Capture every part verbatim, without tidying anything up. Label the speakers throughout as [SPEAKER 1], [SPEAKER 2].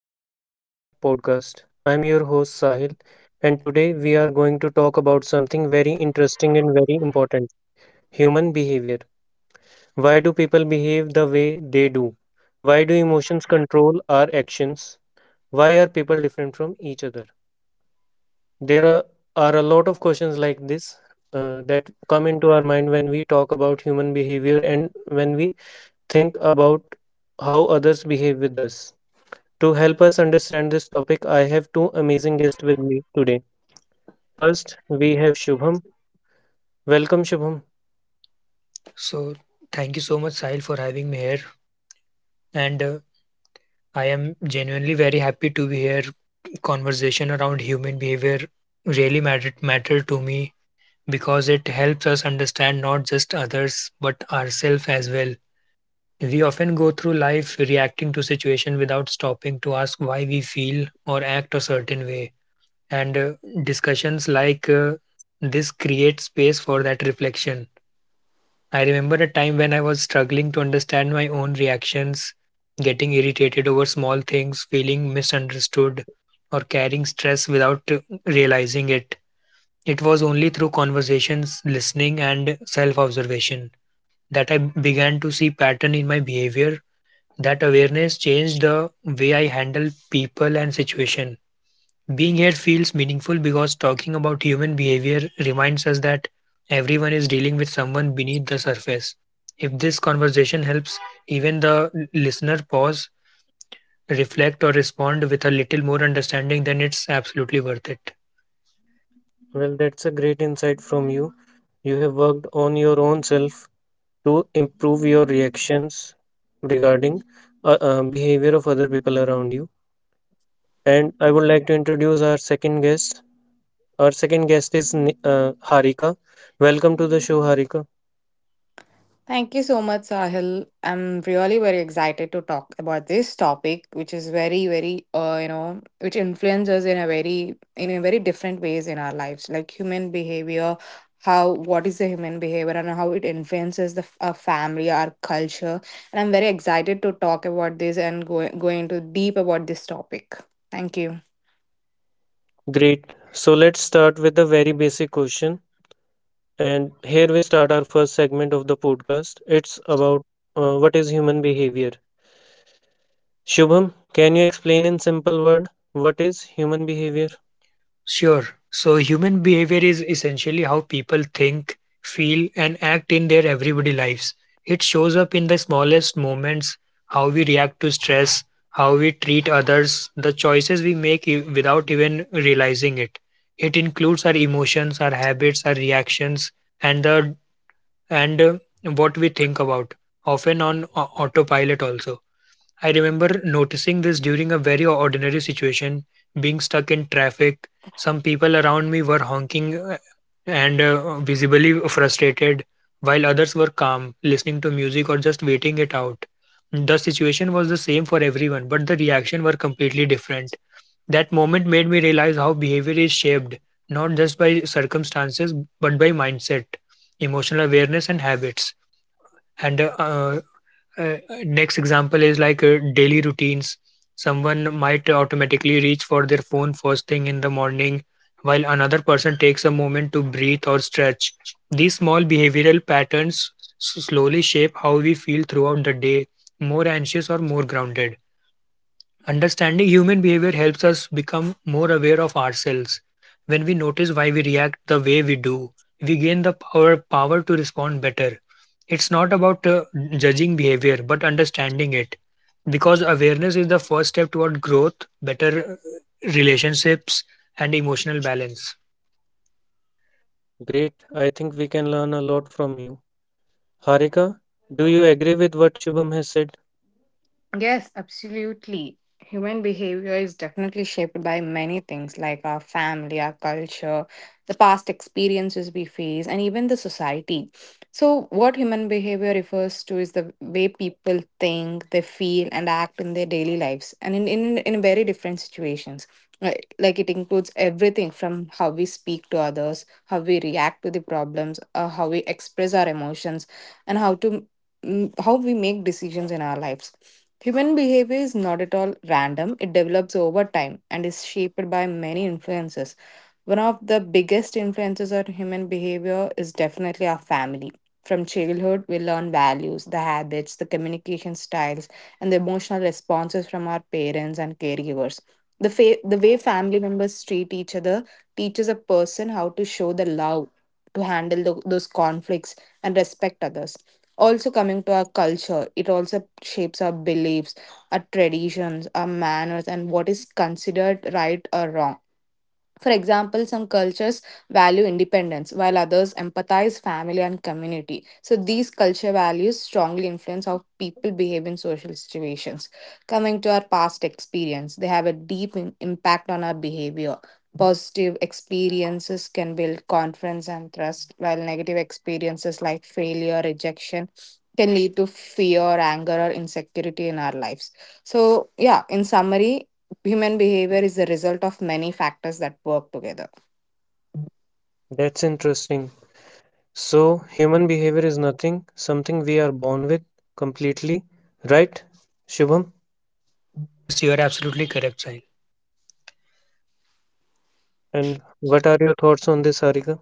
[SPEAKER 1] welcome back to our podcast. I am your host Sahil, and today we are going to talk about something very interesting and very important, human behavior. Why do people behave the way they do? Why do emotions control our actions? Why are people different from each other? There are, are a lot of questions like this uh, that come into our mind when we talk about human behavior and when we think about how others behave with us. To help us understand this topic, I have two amazing guests with me today. First, we have Shubham. Welcome, Shubham.
[SPEAKER 2] So, thank you so much, Sahil, for having me here. And uh, I am genuinely very happy to be here. Conversation around human behavior really mattered matter to me because it helps us understand not just others but ourselves as well. We often go through life reacting to situation without stopping to ask why we feel or act a certain way. And uh, discussions like uh, this create space for that reflection. I remember a time when I was struggling to understand my own reactions, getting irritated over small things, feeling misunderstood, or carrying stress without uh, realizing it. It was only through conversations, listening, and self observation that I began to see pattern in my behavior. That awareness changed the way I handle people and situation. Being here feels meaningful because talking about human behavior reminds us that everyone is dealing with someone beneath the surface. If this conversation helps even the l- listener pause, reflect, or respond with a little more understanding, then it's absolutely worth it.
[SPEAKER 1] Well, that's a great insight from you. You have worked on your own self to improve your reactions regarding uh, uh, behavior of other people around you. And I would like to introduce our second guest. Our second guest is Ni- uh, Harika. Welcome to the show, Harika.
[SPEAKER 3] Thank you so much, Sahil. I'm really very excited to talk about this topic, which is very, very, uh, you know, which influences in a very, in a very different ways in our lives, like human behavior, how, what is the human behavior and how it influences the f- our family, our culture. And I'm very excited to talk about this and go, go into deep about this topic. Thank you.
[SPEAKER 1] Great. So let's start with a very basic question. And here we start our first segment of the podcast. It's about uh, what is human behavior. Shubham, can you explain in simple word what is human behavior?
[SPEAKER 2] Sure. So, human behavior is essentially how people think, feel, and act in their everyday lives. It shows up in the smallest moments how we react to stress, how we treat others, the choices we make e- without even realizing it. It includes our emotions, our habits, our reactions, and the and uh, what we think about, often on au- autopilot also. I remember noticing this during a very ordinary situation, being stuck in traffic. Some people around me were honking uh, and uh, visibly frustrated, while others were calm, listening to music or just waiting it out. The situation was the same for everyone, but the reaction were completely different. That moment made me realize how behavior is shaped, not just by circumstances, but by mindset, emotional awareness, and habits. And uh, uh, next example is like uh, daily routines. Someone might automatically reach for their phone first thing in the morning while another person takes a moment to breathe or stretch. These small behavioral patterns s- slowly shape how we feel throughout the day, more anxious or more grounded. Understanding human behavior helps us become more aware of ourselves. When we notice why we react the way we do, we gain the power power to respond better. It's not about uh, judging behavior, but understanding it. Because awareness is the first step toward growth, better uh, relationships, and emotional balance.
[SPEAKER 1] Great. I think we can learn a lot from you. Harika, do you agree with what Shubham has said?
[SPEAKER 3] Yes, absolutely. Human behavior is definitely shaped by many things like our family, our culture, the past experiences we face, and even the society. So, what human behavior refers to is the way people think, they feel, and act in their daily lives and in, in, in very different situations. Like like it includes everything from how we speak to others, how we react to the problems, uh, how we express our emotions, and how to mm, how we make decisions in our lives. Human behavior is not at all random. It develops over time and is shaped by many influences. One of the biggest influences on human behavior is definitely our family. From childhood, we learn values, the habits, the communication styles, and the emotional responses from our parents and caregivers. The, fa- the way family members treat each other teaches a person how to show the love, to handle tho- those conflicts, and respect others. Also, coming to our culture, it also shapes our beliefs, our traditions, our manners, and what is considered right or wrong. For example, some cultures value independence while others empathize family and community. So these culture values strongly influence how people behave in social situations. Coming to our past experience, they have a deep im- impact on our behavior. Positive experiences can build confidence and trust, while negative experiences like failure, rejection, can lead to fear, anger, or insecurity in our lives. So, yeah, in summary, human behavior is the result of many factors that work together.
[SPEAKER 1] That's interesting. So, human behavior is nothing, something we are born with completely, right? Shubham,
[SPEAKER 2] Yes, you are absolutely correct, Sahil.
[SPEAKER 1] and what are your thoughts on this, Harika?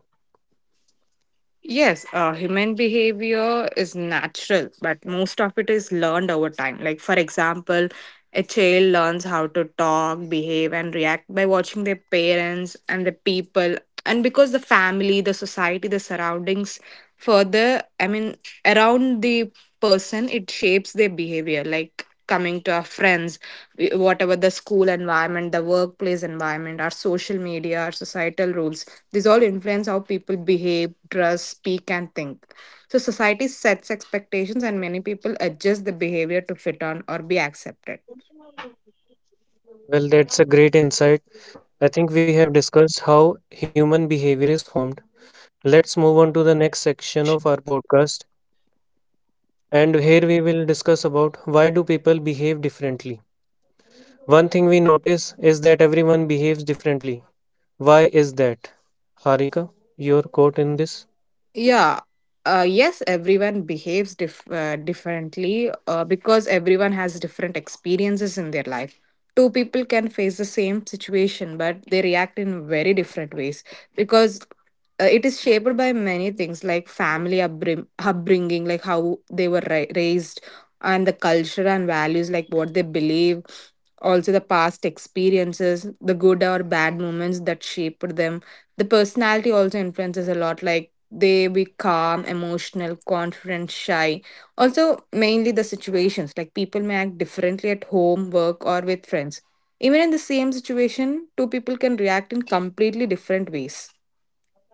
[SPEAKER 3] Yes, uh, human behavior is natural, but most of it is learned over time. Like, for example, a child learns how to talk, behave, and react by watching their parents and the people. And because the family, the society, the surroundings further, I mean, around the person, it shapes their behavior. Like, coming to our friends, whatever the school environment, the workplace environment, our social media, our societal rules, these all influence how people behave, dress, speak, and think. So, society sets expectations, and many people adjust the behavior to fit on or be accepted.
[SPEAKER 1] Well, that's a great insight. I think we have discussed how human behavior is formed. Let's move on to the next section of our podcast. And here we will discuss about why do people behave differently. One thing we notice is that everyone behaves differently. Why is that? Harika, your quote in this?
[SPEAKER 3] Yeah. Uh, yes, everyone behaves dif- uh, differently uh, because everyone has different experiences in their life. Two people can face the same situation, but they react in very different ways because uh, it is shaped by many things like family upbring- upbringing, like how they were ra- raised, and the culture and values, like what they believe, also the past experiences, the good or bad moments that shaped them. The personality also influences a lot, like they be calm, emotional, confident, shy. Also, mainly the situations like people may act differently at home, work, or with friends. Even in the same situation, two people can react in completely different ways.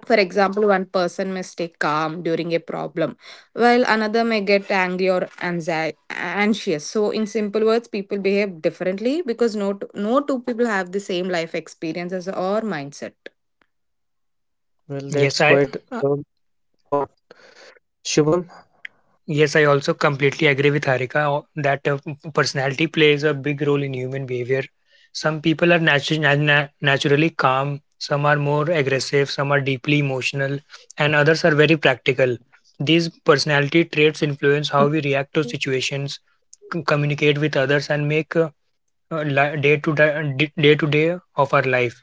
[SPEAKER 3] For example, one person may stay calm during a problem, while another may get angry or anxi- anxious. So, in simple words, people behave differently because no, t- no two people have the same life experiences or mindset.
[SPEAKER 1] Well, that's
[SPEAKER 2] Yes, I
[SPEAKER 1] quite a thought. Shubham,
[SPEAKER 2] Yes, I also completely agree with Harika o- that uh, p- personality plays a big role in human behavior. Some people are natu- na- na- naturally calm, some are more aggressive, some are deeply emotional, and others are very practical. These personality traits influence how we react to situations, c- communicate with others, and make uh, uh, li- day to di- day to day of our life.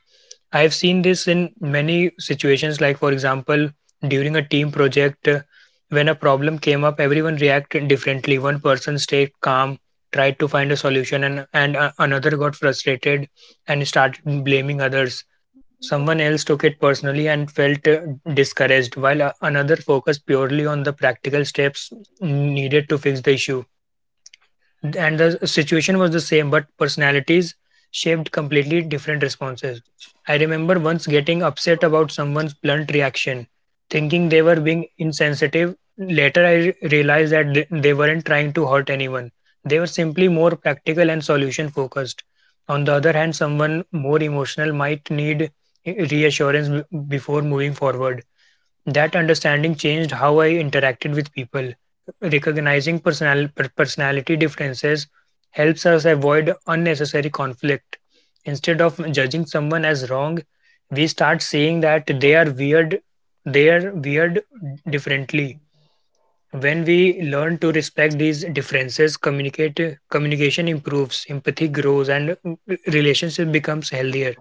[SPEAKER 2] I have seen this in many situations. Like for example, during a team project uh, when a problem came up, everyone reacted differently. One person stayed calm, tried to find a solution, and, and uh, another got frustrated and started blaming others. Someone else took it personally and felt uh, discouraged, while uh, another focused purely on the practical steps needed to fix the issue. And the situation was the same, but personalities shaped completely different responses. I remember once getting upset about someone's blunt reaction, thinking they were being insensitive. Later, I re- realized that th- they weren't trying to hurt anyone. They were simply more practical and solution focused. On the other hand, someone more emotional might need eh, reassurance b- before moving forward. That understanding changed how I interacted with people. Recognizing personal, per- personality differences helps us avoid unnecessary conflict. Instead of judging someone as wrong, we start seeing that they are weird, they are weird differently. When we learn to respect these differences, communicate, communication improves, empathy grows, and uh, relationship becomes healthier.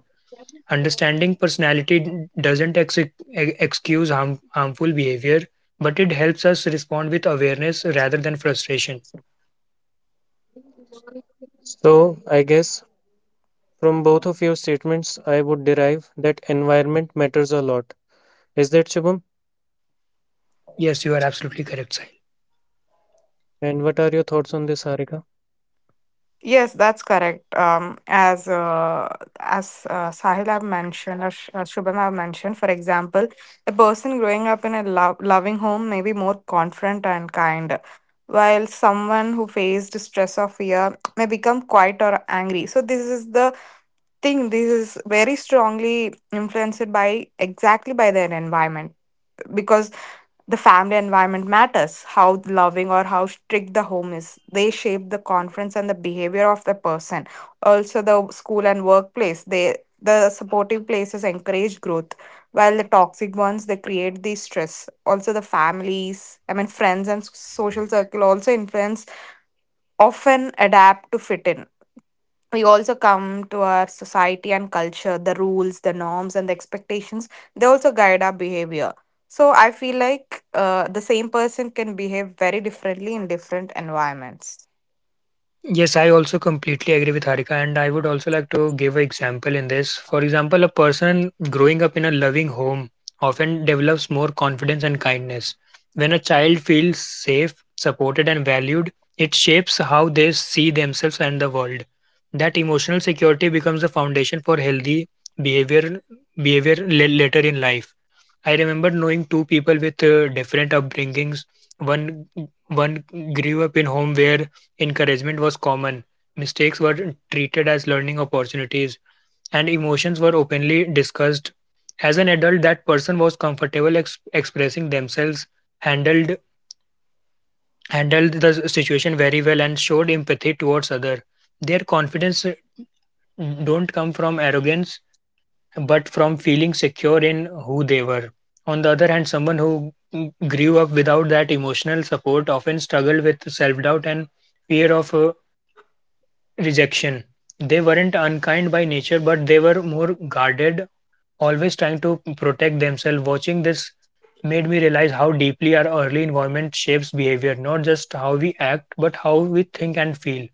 [SPEAKER 2] Understanding personality d- doesn't ex- ex- excuse harm- harmful behavior, but it helps us respond with awareness rather than frustration.
[SPEAKER 1] so I guess from both of your statements, I would derive that environment matters a lot. Is that Shubham?
[SPEAKER 2] Yes, you are absolutely correct.
[SPEAKER 1] And what are your thoughts on this, Harika?
[SPEAKER 3] Yes, that's correct. Um, as uh, as uh, Sahil have mentioned, or Sh- uh, Shubham have mentioned, for example, a person growing up in a lo- loving home may be more confident and kind, while someone who faced stress or fear may become quiet or angry. So this is the thing. This is very strongly influenced by exactly by their environment because the family environment matters. How loving or how strict the home is, they shape the confidence and the behavior of the person. Also, the school and workplace, they, the supportive places encourage growth, while the toxic ones they create the stress. Also, the families, I mean friends and social circle also influence, often adapt to fit in. We also come to our society and culture, the rules, the norms, and the expectations, they also guide our behavior. So I feel like uh, the same person can behave very differently in different environments.
[SPEAKER 2] Yes, I also completely agree with Harika, and I would also like to give an example in this. For example, a person growing up in a loving home often develops more confidence and kindness. When a child feels safe, supported, and valued, it shapes how they see themselves and the world. That emotional security becomes the foundation for healthy behavior behavior la- later in life. I remember knowing two people with uh, different upbringings. One one grew up in home where encouragement was common, mistakes were treated as learning opportunities, and emotions were openly discussed. As an adult, that person was comfortable ex- expressing themselves, handled handled the s- situation very well, and showed empathy towards other. Their confidence uh, don't come from arrogance but from feeling secure in who they were. On the other hand, someone who g- grew up without that emotional support often struggled with self doubt and fear of uh, rejection. They weren't unkind by nature, but they were more guarded, always trying to protect themselves. Watching this made me realize how deeply our early environment shapes behavior, not just how we act, but how we think and feel.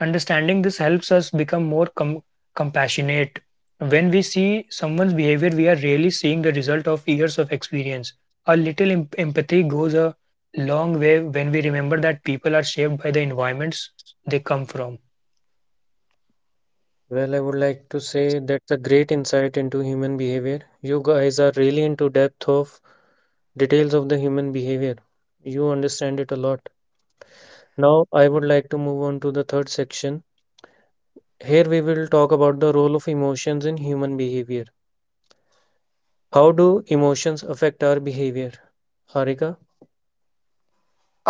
[SPEAKER 2] Understanding this helps us become more com- compassionate. When we see someone's behavior, we are really seeing the result of years of experience. A little em- empathy goes a long way when we remember that people are shaped by the environments they come from.
[SPEAKER 1] Well, I would like to say that's a great insight into human behavior. You guys are really into depth of details of the human behavior. You understand it a lot. Now, I would like to move on to the third section. Here we will talk about the role of emotions in human behavior. How do emotions affect our behavior? Harika?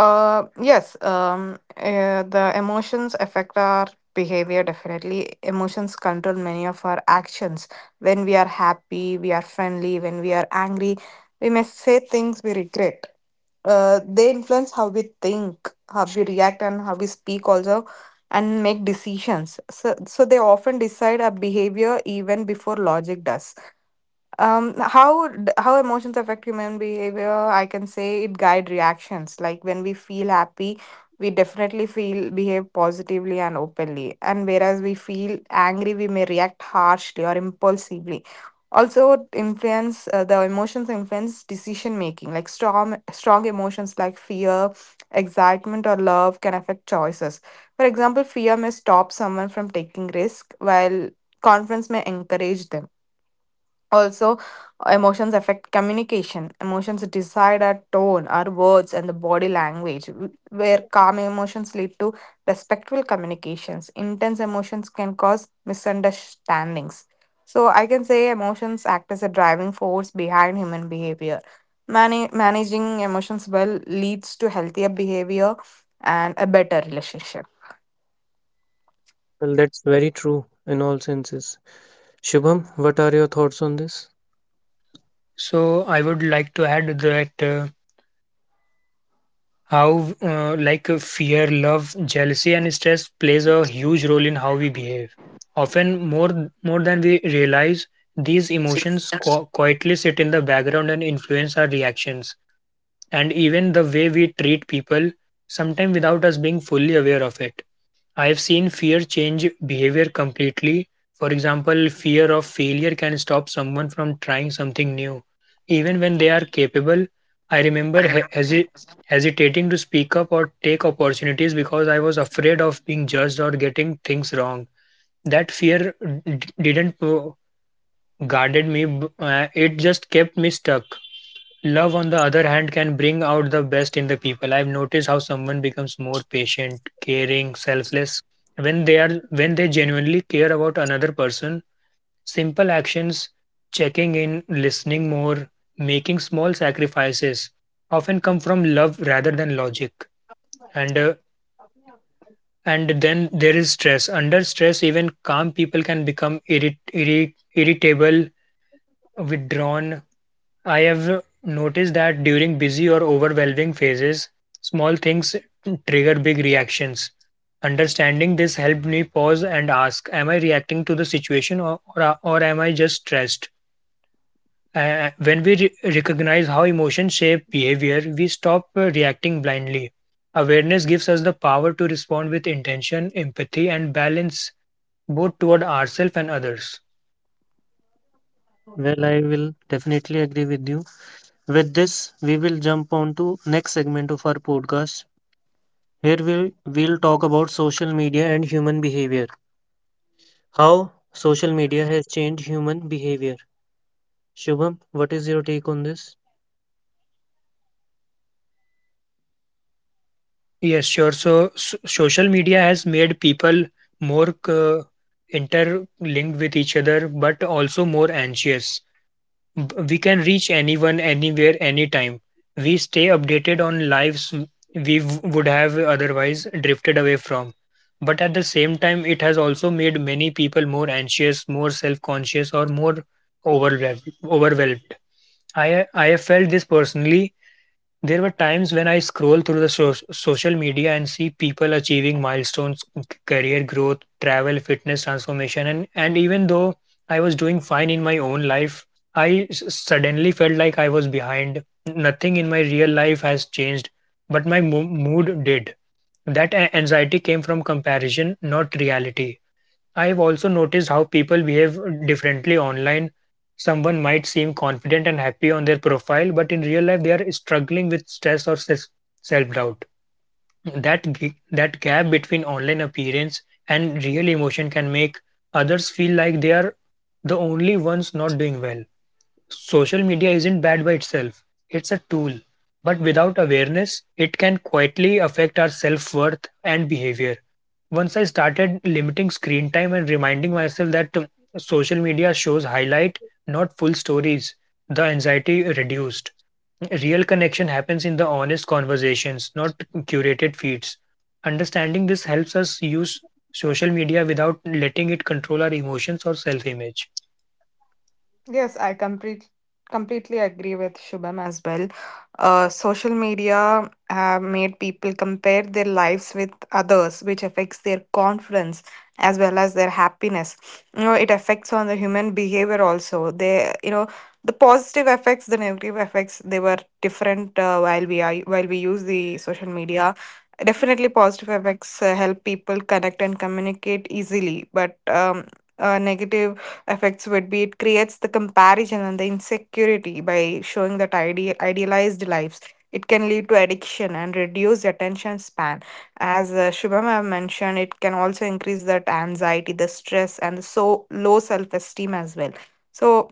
[SPEAKER 3] uh Yes, um uh, the emotions affect our behavior. Definitely emotions control many of our actions. When we are happy we are friendly, when we are angry we may say things we regret. Uh, they influence how we think, how we react, and how we speak also, and make decisions. So, so they often decide our behavior even before logic does. Um, how d- how emotions affect human behavior? I can say it guide reactions. Like when we feel happy, we definitely feel behave positively and openly. And whereas we feel angry, we may react harshly or impulsively. Also, influence, uh, the emotions influence decision making. Like strong strong emotions like fear, excitement, or love can affect choices. For example, fear may stop someone from taking risk, while confidence may encourage them. Also, emotions affect communication. Emotions decide our tone, our words, and the body language, w- where calm emotions lead to respectful communications. Intense emotions can cause misunderstandings. So, I can say emotions act as a driving force behind human behavior. Mani- managing emotions well leads to healthier behavior and a better relationship.
[SPEAKER 1] Well, that's very true in all senses. Shubham, what are your thoughts on this?
[SPEAKER 2] So, I would like to add that. Uh, how uh, like uh, fear, love, jealousy, and stress plays a huge role in how we behave, often more more than we realize. These emotions qu- quietly sit in the background and influence our reactions and even the way we treat people, sometimes without us being fully aware of it. I have seen fear change behavior completely. For example, fear of failure can stop someone from trying something new, even when they are capable. I
[SPEAKER 3] I
[SPEAKER 2] remember he-
[SPEAKER 3] remember.
[SPEAKER 2] hesi- hesitating to speak up or take opportunities because I was afraid of being judged or getting things wrong. That fear d- didn't uh, guarded me; b- uh, it just kept me stuck. Love, on the other hand, can bring out the best in the people. I've noticed how someone becomes more patient, caring, selfless when they are when they genuinely care about another person. Simple actions, checking in, listening more, making small sacrifices, often come from love rather than logic. And uh, and then there is stress. Under stress, even calm people can become irrit- irri- irritable, withdrawn. I have noticed that during busy or overwhelming phases, small things trigger big reactions. Understanding this helped me pause and ask, am I reacting to the situation or, or, or am I just stressed? Uh, when we re- recognize how emotions shape behavior, we stop uh, reacting blindly. Awareness gives us the power to respond with intention, empathy, and balance, both toward ourselves and others.
[SPEAKER 1] Well, I will definitely agree with you. With this, we will jump on to next segment of our podcast. Here we will talk about social media and human behavior. How social media has changed human behavior. Shubham, what is your take on this?
[SPEAKER 2] Yes, sure. So, so social media has made people more c- interlinked with each other, but also more anxious. B- We can reach anyone, anywhere, anytime. We stay updated on lives w- we w- would have otherwise drifted away from. But at the same time, it has also made many people more anxious, more self conscious, or more overwhelmed. overwhelmed. I, I have felt this personally. There were times when I scroll through the so- social media and see people achieving milestones, c- career growth, travel, fitness transformation, and and even though I was doing fine in my own life, I s- suddenly felt like I was behind. Nothing in my real life has changed, but my mo- mood did. That a- anxiety came from comparison, not reality. I've also noticed how people behave differently online. Someone might seem confident and happy on their profile, but in real life, they are struggling with stress or self doubt. That, gi- that gap between online appearance and real emotion can make others feel like they are the only ones not doing well. Social media isn't bad by itself, it's a tool. But without awareness, it can quietly affect our self worth and behavior. Once I started limiting screen time and reminding myself that um, social media shows highlight, not full stories, the anxiety reduced. Real connection happens in the honest conversations, not curated feeds. Understanding this helps us use social media without letting it control our emotions or self image.
[SPEAKER 3] Yes, I complete, completely agree with Shubham as well. Uh, social media have made people compare their lives with others, which affects their confidence as well as their happiness. You know, it affects on the human behavior also. They, you know, the positive effects, the negative effects, they were different uh, while we are while we use the social media. Definitely, positive effects uh, help people connect and communicate easily, but um, uh, negative effects would be it creates the comparison and the insecurity by showing that ide- idealized lives. It can lead to addiction and reduce attention span. As uh, Shubham have mentioned, it can also increase that anxiety, the stress, and the so low self esteem as well. So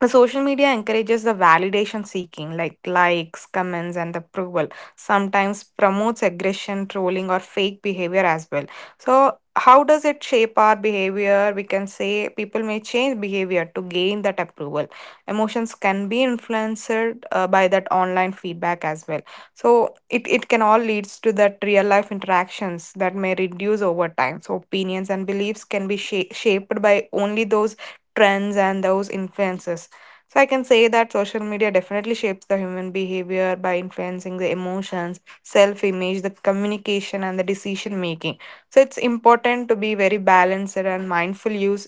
[SPEAKER 3] the social media encourages the validation seeking, like likes, comments, and approval. Sometimes promotes aggression, trolling, or fake behavior as well. So, how does it shape our behavior? We can say people may change behavior to gain that approval. Emotions can be influenced uh, by that online feedback as well. So, it, it can all leads to that real life interactions that may reduce over time. So, opinions and beliefs can be sha- shaped by only those trends and those influences. So I can say that social media definitely shapes the human behavior by influencing the emotions, self-image, the communication, and the decision making. So it's important to be very balanced and mindful use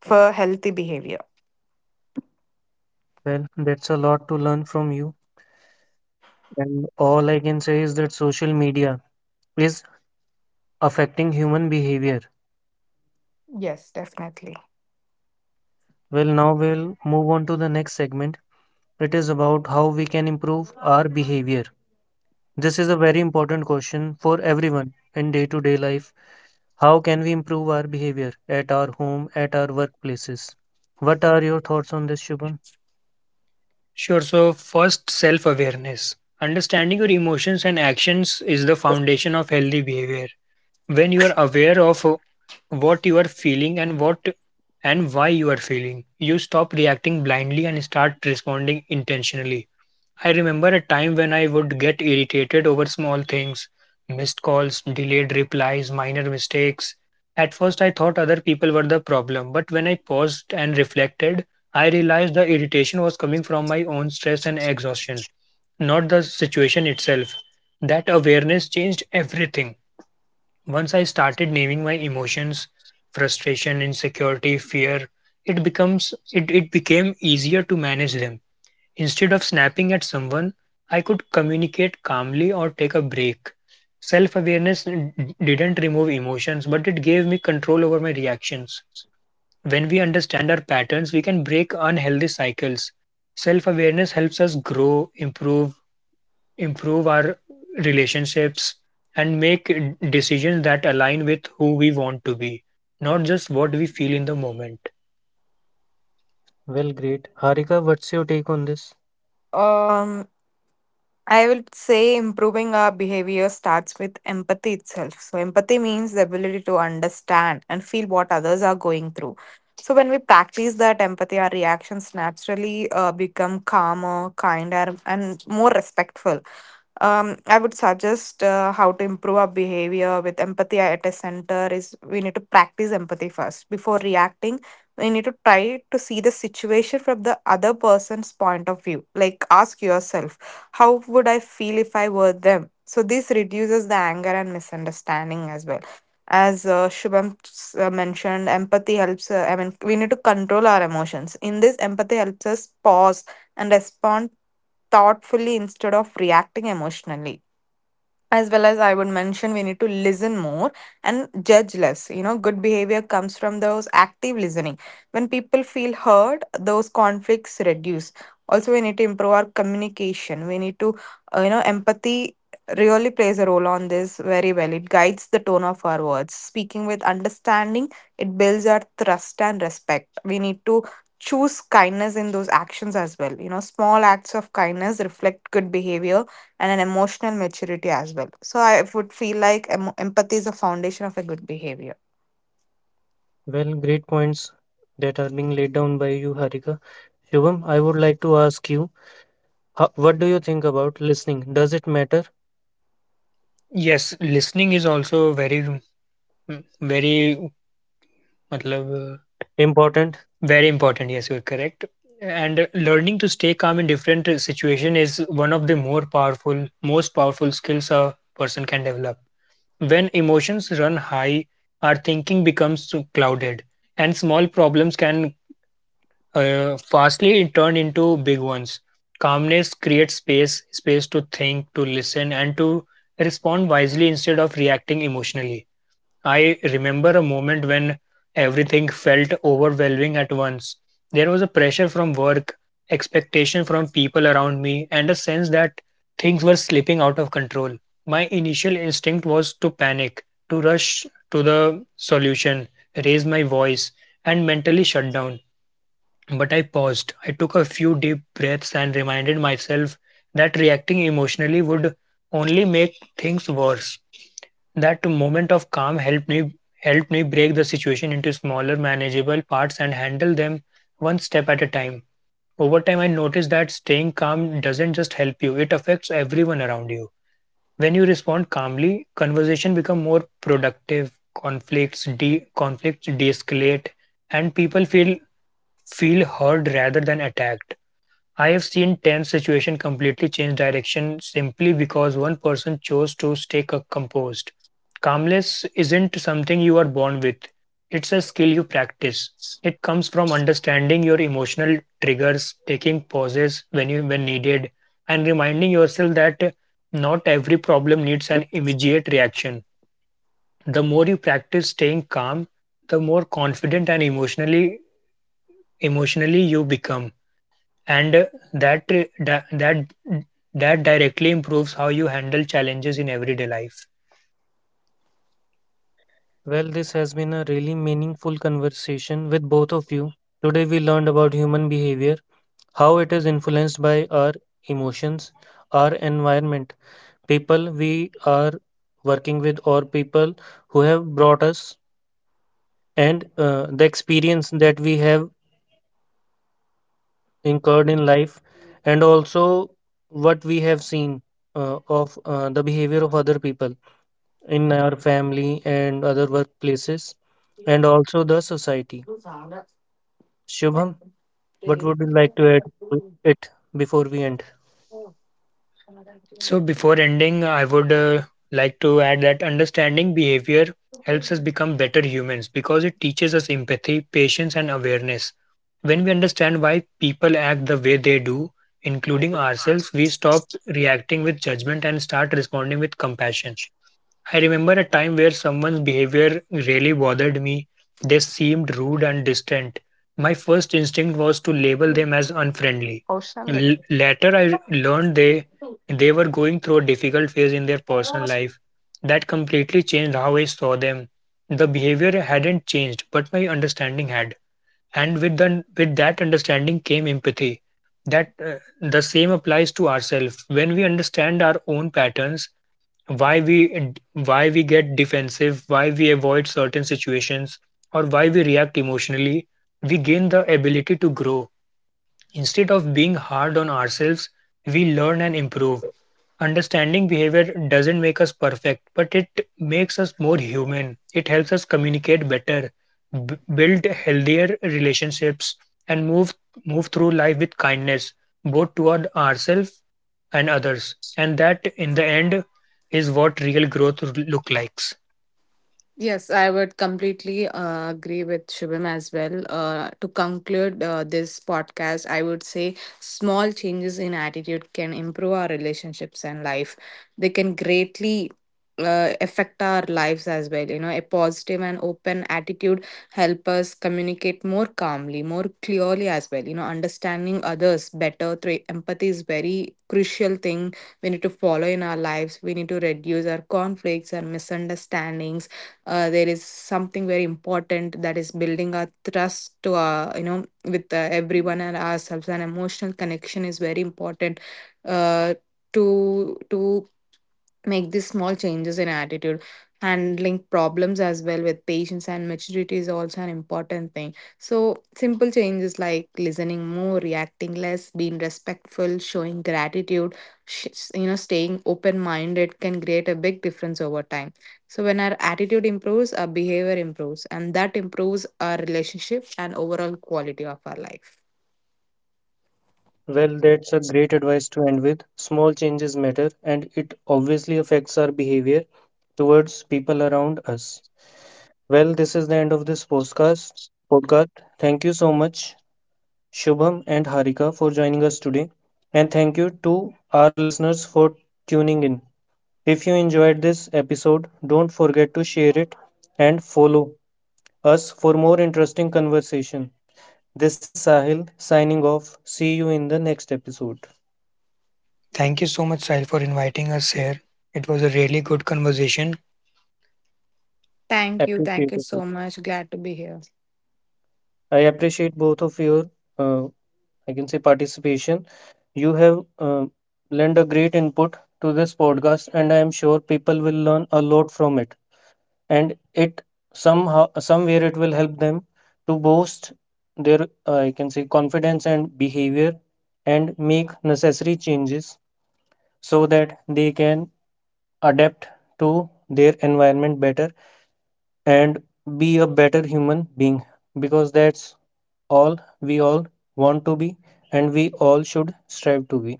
[SPEAKER 3] for healthy behavior.
[SPEAKER 1] Well, that's a lot to learn from you. And all I can say is that social media is affecting human behavior.
[SPEAKER 3] Yes, definitely.
[SPEAKER 1] Well, now we'll move on to the next segment. It is about how we can improve our behavior. This is a very important question for everyone in day to day life. How can we improve our behavior at our home, at our workplaces? What are your thoughts on this, Shubham?
[SPEAKER 2] Sure, so first, self awareness. Understanding your emotions and actions is the foundation of healthy behavior when you are aware of uh, what you are feeling and what and why you are feeling, you stop reacting blindly and start responding intentionally. I remember a time when I would get irritated over small things: missed calls, delayed replies, minor mistakes. At first I thought other people were the problem, but when I paused and reflected, I realized the irritation was coming from my own stress and exhaustion, not the situation itself. That awareness changed everything. Once I started naming my emotions, frustration, insecurity, fear, it becomes it, it became easier to manage them. Instead of snapping at someone, I could communicate calmly or take a break. Self-awareness d- didn't remove emotions, but it gave me control over my reactions. When we understand our patterns, we can break unhealthy cycles. Self-awareness helps us grow, improve, improve our relationships and make decisions that align with who we want to be, not just what we feel in the moment.
[SPEAKER 1] Well, great. Harika, what's your take on this?
[SPEAKER 3] Um, I will say improving our behavior starts with empathy itself. So, empathy means the ability to understand and feel what others are going through. So, when we practice that empathy, our reactions naturally uh, become calmer, kinder, and more respectful. um, I would suggest uh, how to improve our behavior with empathy at a center is we need to practice empathy first before reacting. We need to try to see the situation from the other person's point of view. Like ask yourself, how would I feel if I were them? So this reduces the anger and misunderstanding as well. As uh, Shubham s- uh, mentioned, empathy helps. Uh, I mean, we need to control our emotions. In this, empathy helps us pause and respond thoughtfully instead of reacting emotionally. As well as I would mention, we need to listen more and judge less. You know, good behavior comes from those active listening. When people feel heard, those conflicts reduce. Also, we need to improve our communication. We need to, uh, you know, empathy really plays a role on this very well. It guides the tone of our words. Speaking with understanding, it builds our trust and respect. We need to choose kindness in those actions as well. You know, small acts of kindness reflect good behavior and an emotional maturity as well. So I would feel like em- empathy is the foundation of a good behavior.
[SPEAKER 1] Well, great points that are being laid down by you, Harika. Shubham, I would like to ask you, ho- what do you think about listening? Does it matter?
[SPEAKER 2] Yes, listening is also very mm, very matlab, uh,
[SPEAKER 1] Important?
[SPEAKER 2] very important. Yes, you're correct. And uh, learning to stay calm in different uh, situation is one of the more powerful most powerful skills a person can develop. When emotions run high, our thinking becomes clouded, and small problems can uh, fastly it turned into big ones. Calmness creates space, space to think, to listen, and to respond wisely instead of reacting emotionally. I remember a moment when everything felt overwhelming at once. There was a pressure from work, expectation from people around me, and a sense that things were slipping out of control. My initial instinct was to panic, to rush to the solution, raise my voice, and mentally shut down, but I paused. I took a few deep breaths and reminded myself that reacting emotionally would only make things worse. That moment of calm helped me helped me break the situation into smaller manageable parts and handle them one step at a time. Over time I noticed that staying calm doesn't just help you, it affects everyone around you. When you respond calmly, conversation become more productive, conflicts de conflicts de-escalate, and people feel feel heard rather than attacked. I have seen tense situation completely change direction simply because one person chose to stay c- composed. Calmness isn't something you are born with. It's a skill you practice. It comes from understanding your emotional triggers, taking pauses when you when needed, and reminding yourself that not every problem needs an immediate reaction. The more you practice staying calm, the more confident and emotionally emotionally you become, and uh, that uh, di- that that directly improves how you handle challenges in everyday life.
[SPEAKER 1] Well, this has been a really meaningful conversation with both of you. Today we learned about human behavior, how it is influenced by our emotions, our environment, people we are working with, or people who have brought us, and uh, the experience that we have incurred in life, and also what we have seen uh, of uh, the behavior of other people in our family and other workplaces, and also the society. Shubham, what would you like to add to it before we end?
[SPEAKER 2] So before ending, I would uh, like to add that understanding behavior helps us become better humans because it teaches us empathy, patience, and awareness. When we understand why people act the way they do, including ourselves, we stop reacting with judgment and start responding with compassion. I remember a time where someone's behavior really bothered me. They seemed rude and distant. My first instinct was to label them as unfriendly.
[SPEAKER 3] Emotional
[SPEAKER 2] L-
[SPEAKER 3] living.
[SPEAKER 2] later, I learned they they were going through a difficult phase in their personal life. That completely changed how I saw them. The behavior hadn't changed, but my understanding had. And with the, with that understanding came empathy. That uh, The same applies to ourselves. When we understand our own patterns, why we why we get defensive, why we avoid certain situations, or why we react emotionally, we gain the ability to grow. Instead of being hard on ourselves, we learn and improve. Understanding behavior doesn't make us perfect, but it makes us more human. It helps us communicate better, b- build healthier relationships, and move move through life with kindness, both toward ourselves and others. And that, in the end, is what real growth look likes.
[SPEAKER 3] Yes, I would completely uh, agree with Shubham as well. Uh, to conclude uh, this podcast, I would say small changes in attitude can improve our relationships and life. They can greatly uh, affect our lives as well. You know, a positive and open attitude help us communicate more calmly, more clearly as well. You know, understanding others better through empathy is very crucial thing we need to follow in our lives. We need to reduce our conflicts and misunderstandings. Uh, there is something very important, that is building our trust to our, you know, with uh, everyone and ourselves, and emotional connection is very important uh, to to make these small changes in attitude. Handling problems as well with patience and maturity is also an important thing. So simple changes like listening more, reacting less, being respectful, showing gratitude, sh- you know, staying open minded can create a big difference over time. So when our attitude improves, our behavior improves, and that improves our relationship and overall quality of our life.
[SPEAKER 1] Well, that's a great advice to end with. Small changes matter, and it obviously affects our behavior towards people around us. Well, this is the end of this podcast. Podcast. Thank you so much, Shubham and Harika, for joining us today, and thank you to our listeners for tuning in. If you enjoyed this episode, don't forget to share it and follow us for more interesting conversation. This is Sahil signing off. See you in the next episode.
[SPEAKER 2] Thank you so much, Sahil, for inviting us here. It was a really good conversation.
[SPEAKER 3] Thank you. Thank
[SPEAKER 1] Appreciate
[SPEAKER 3] you
[SPEAKER 1] it.
[SPEAKER 3] so much. Glad to be here.
[SPEAKER 1] I appreciate both of your, uh, I can say, participation. You have uh, lent a great input to this podcast, and I am sure people will learn a lot from it. And it somehow, somewhere, it will help them to boost their, uh, I can say, confidence and behavior, and make necessary changes so that they can adapt to their environment better and be a better human being, because that's all we all want to be and we all should strive to be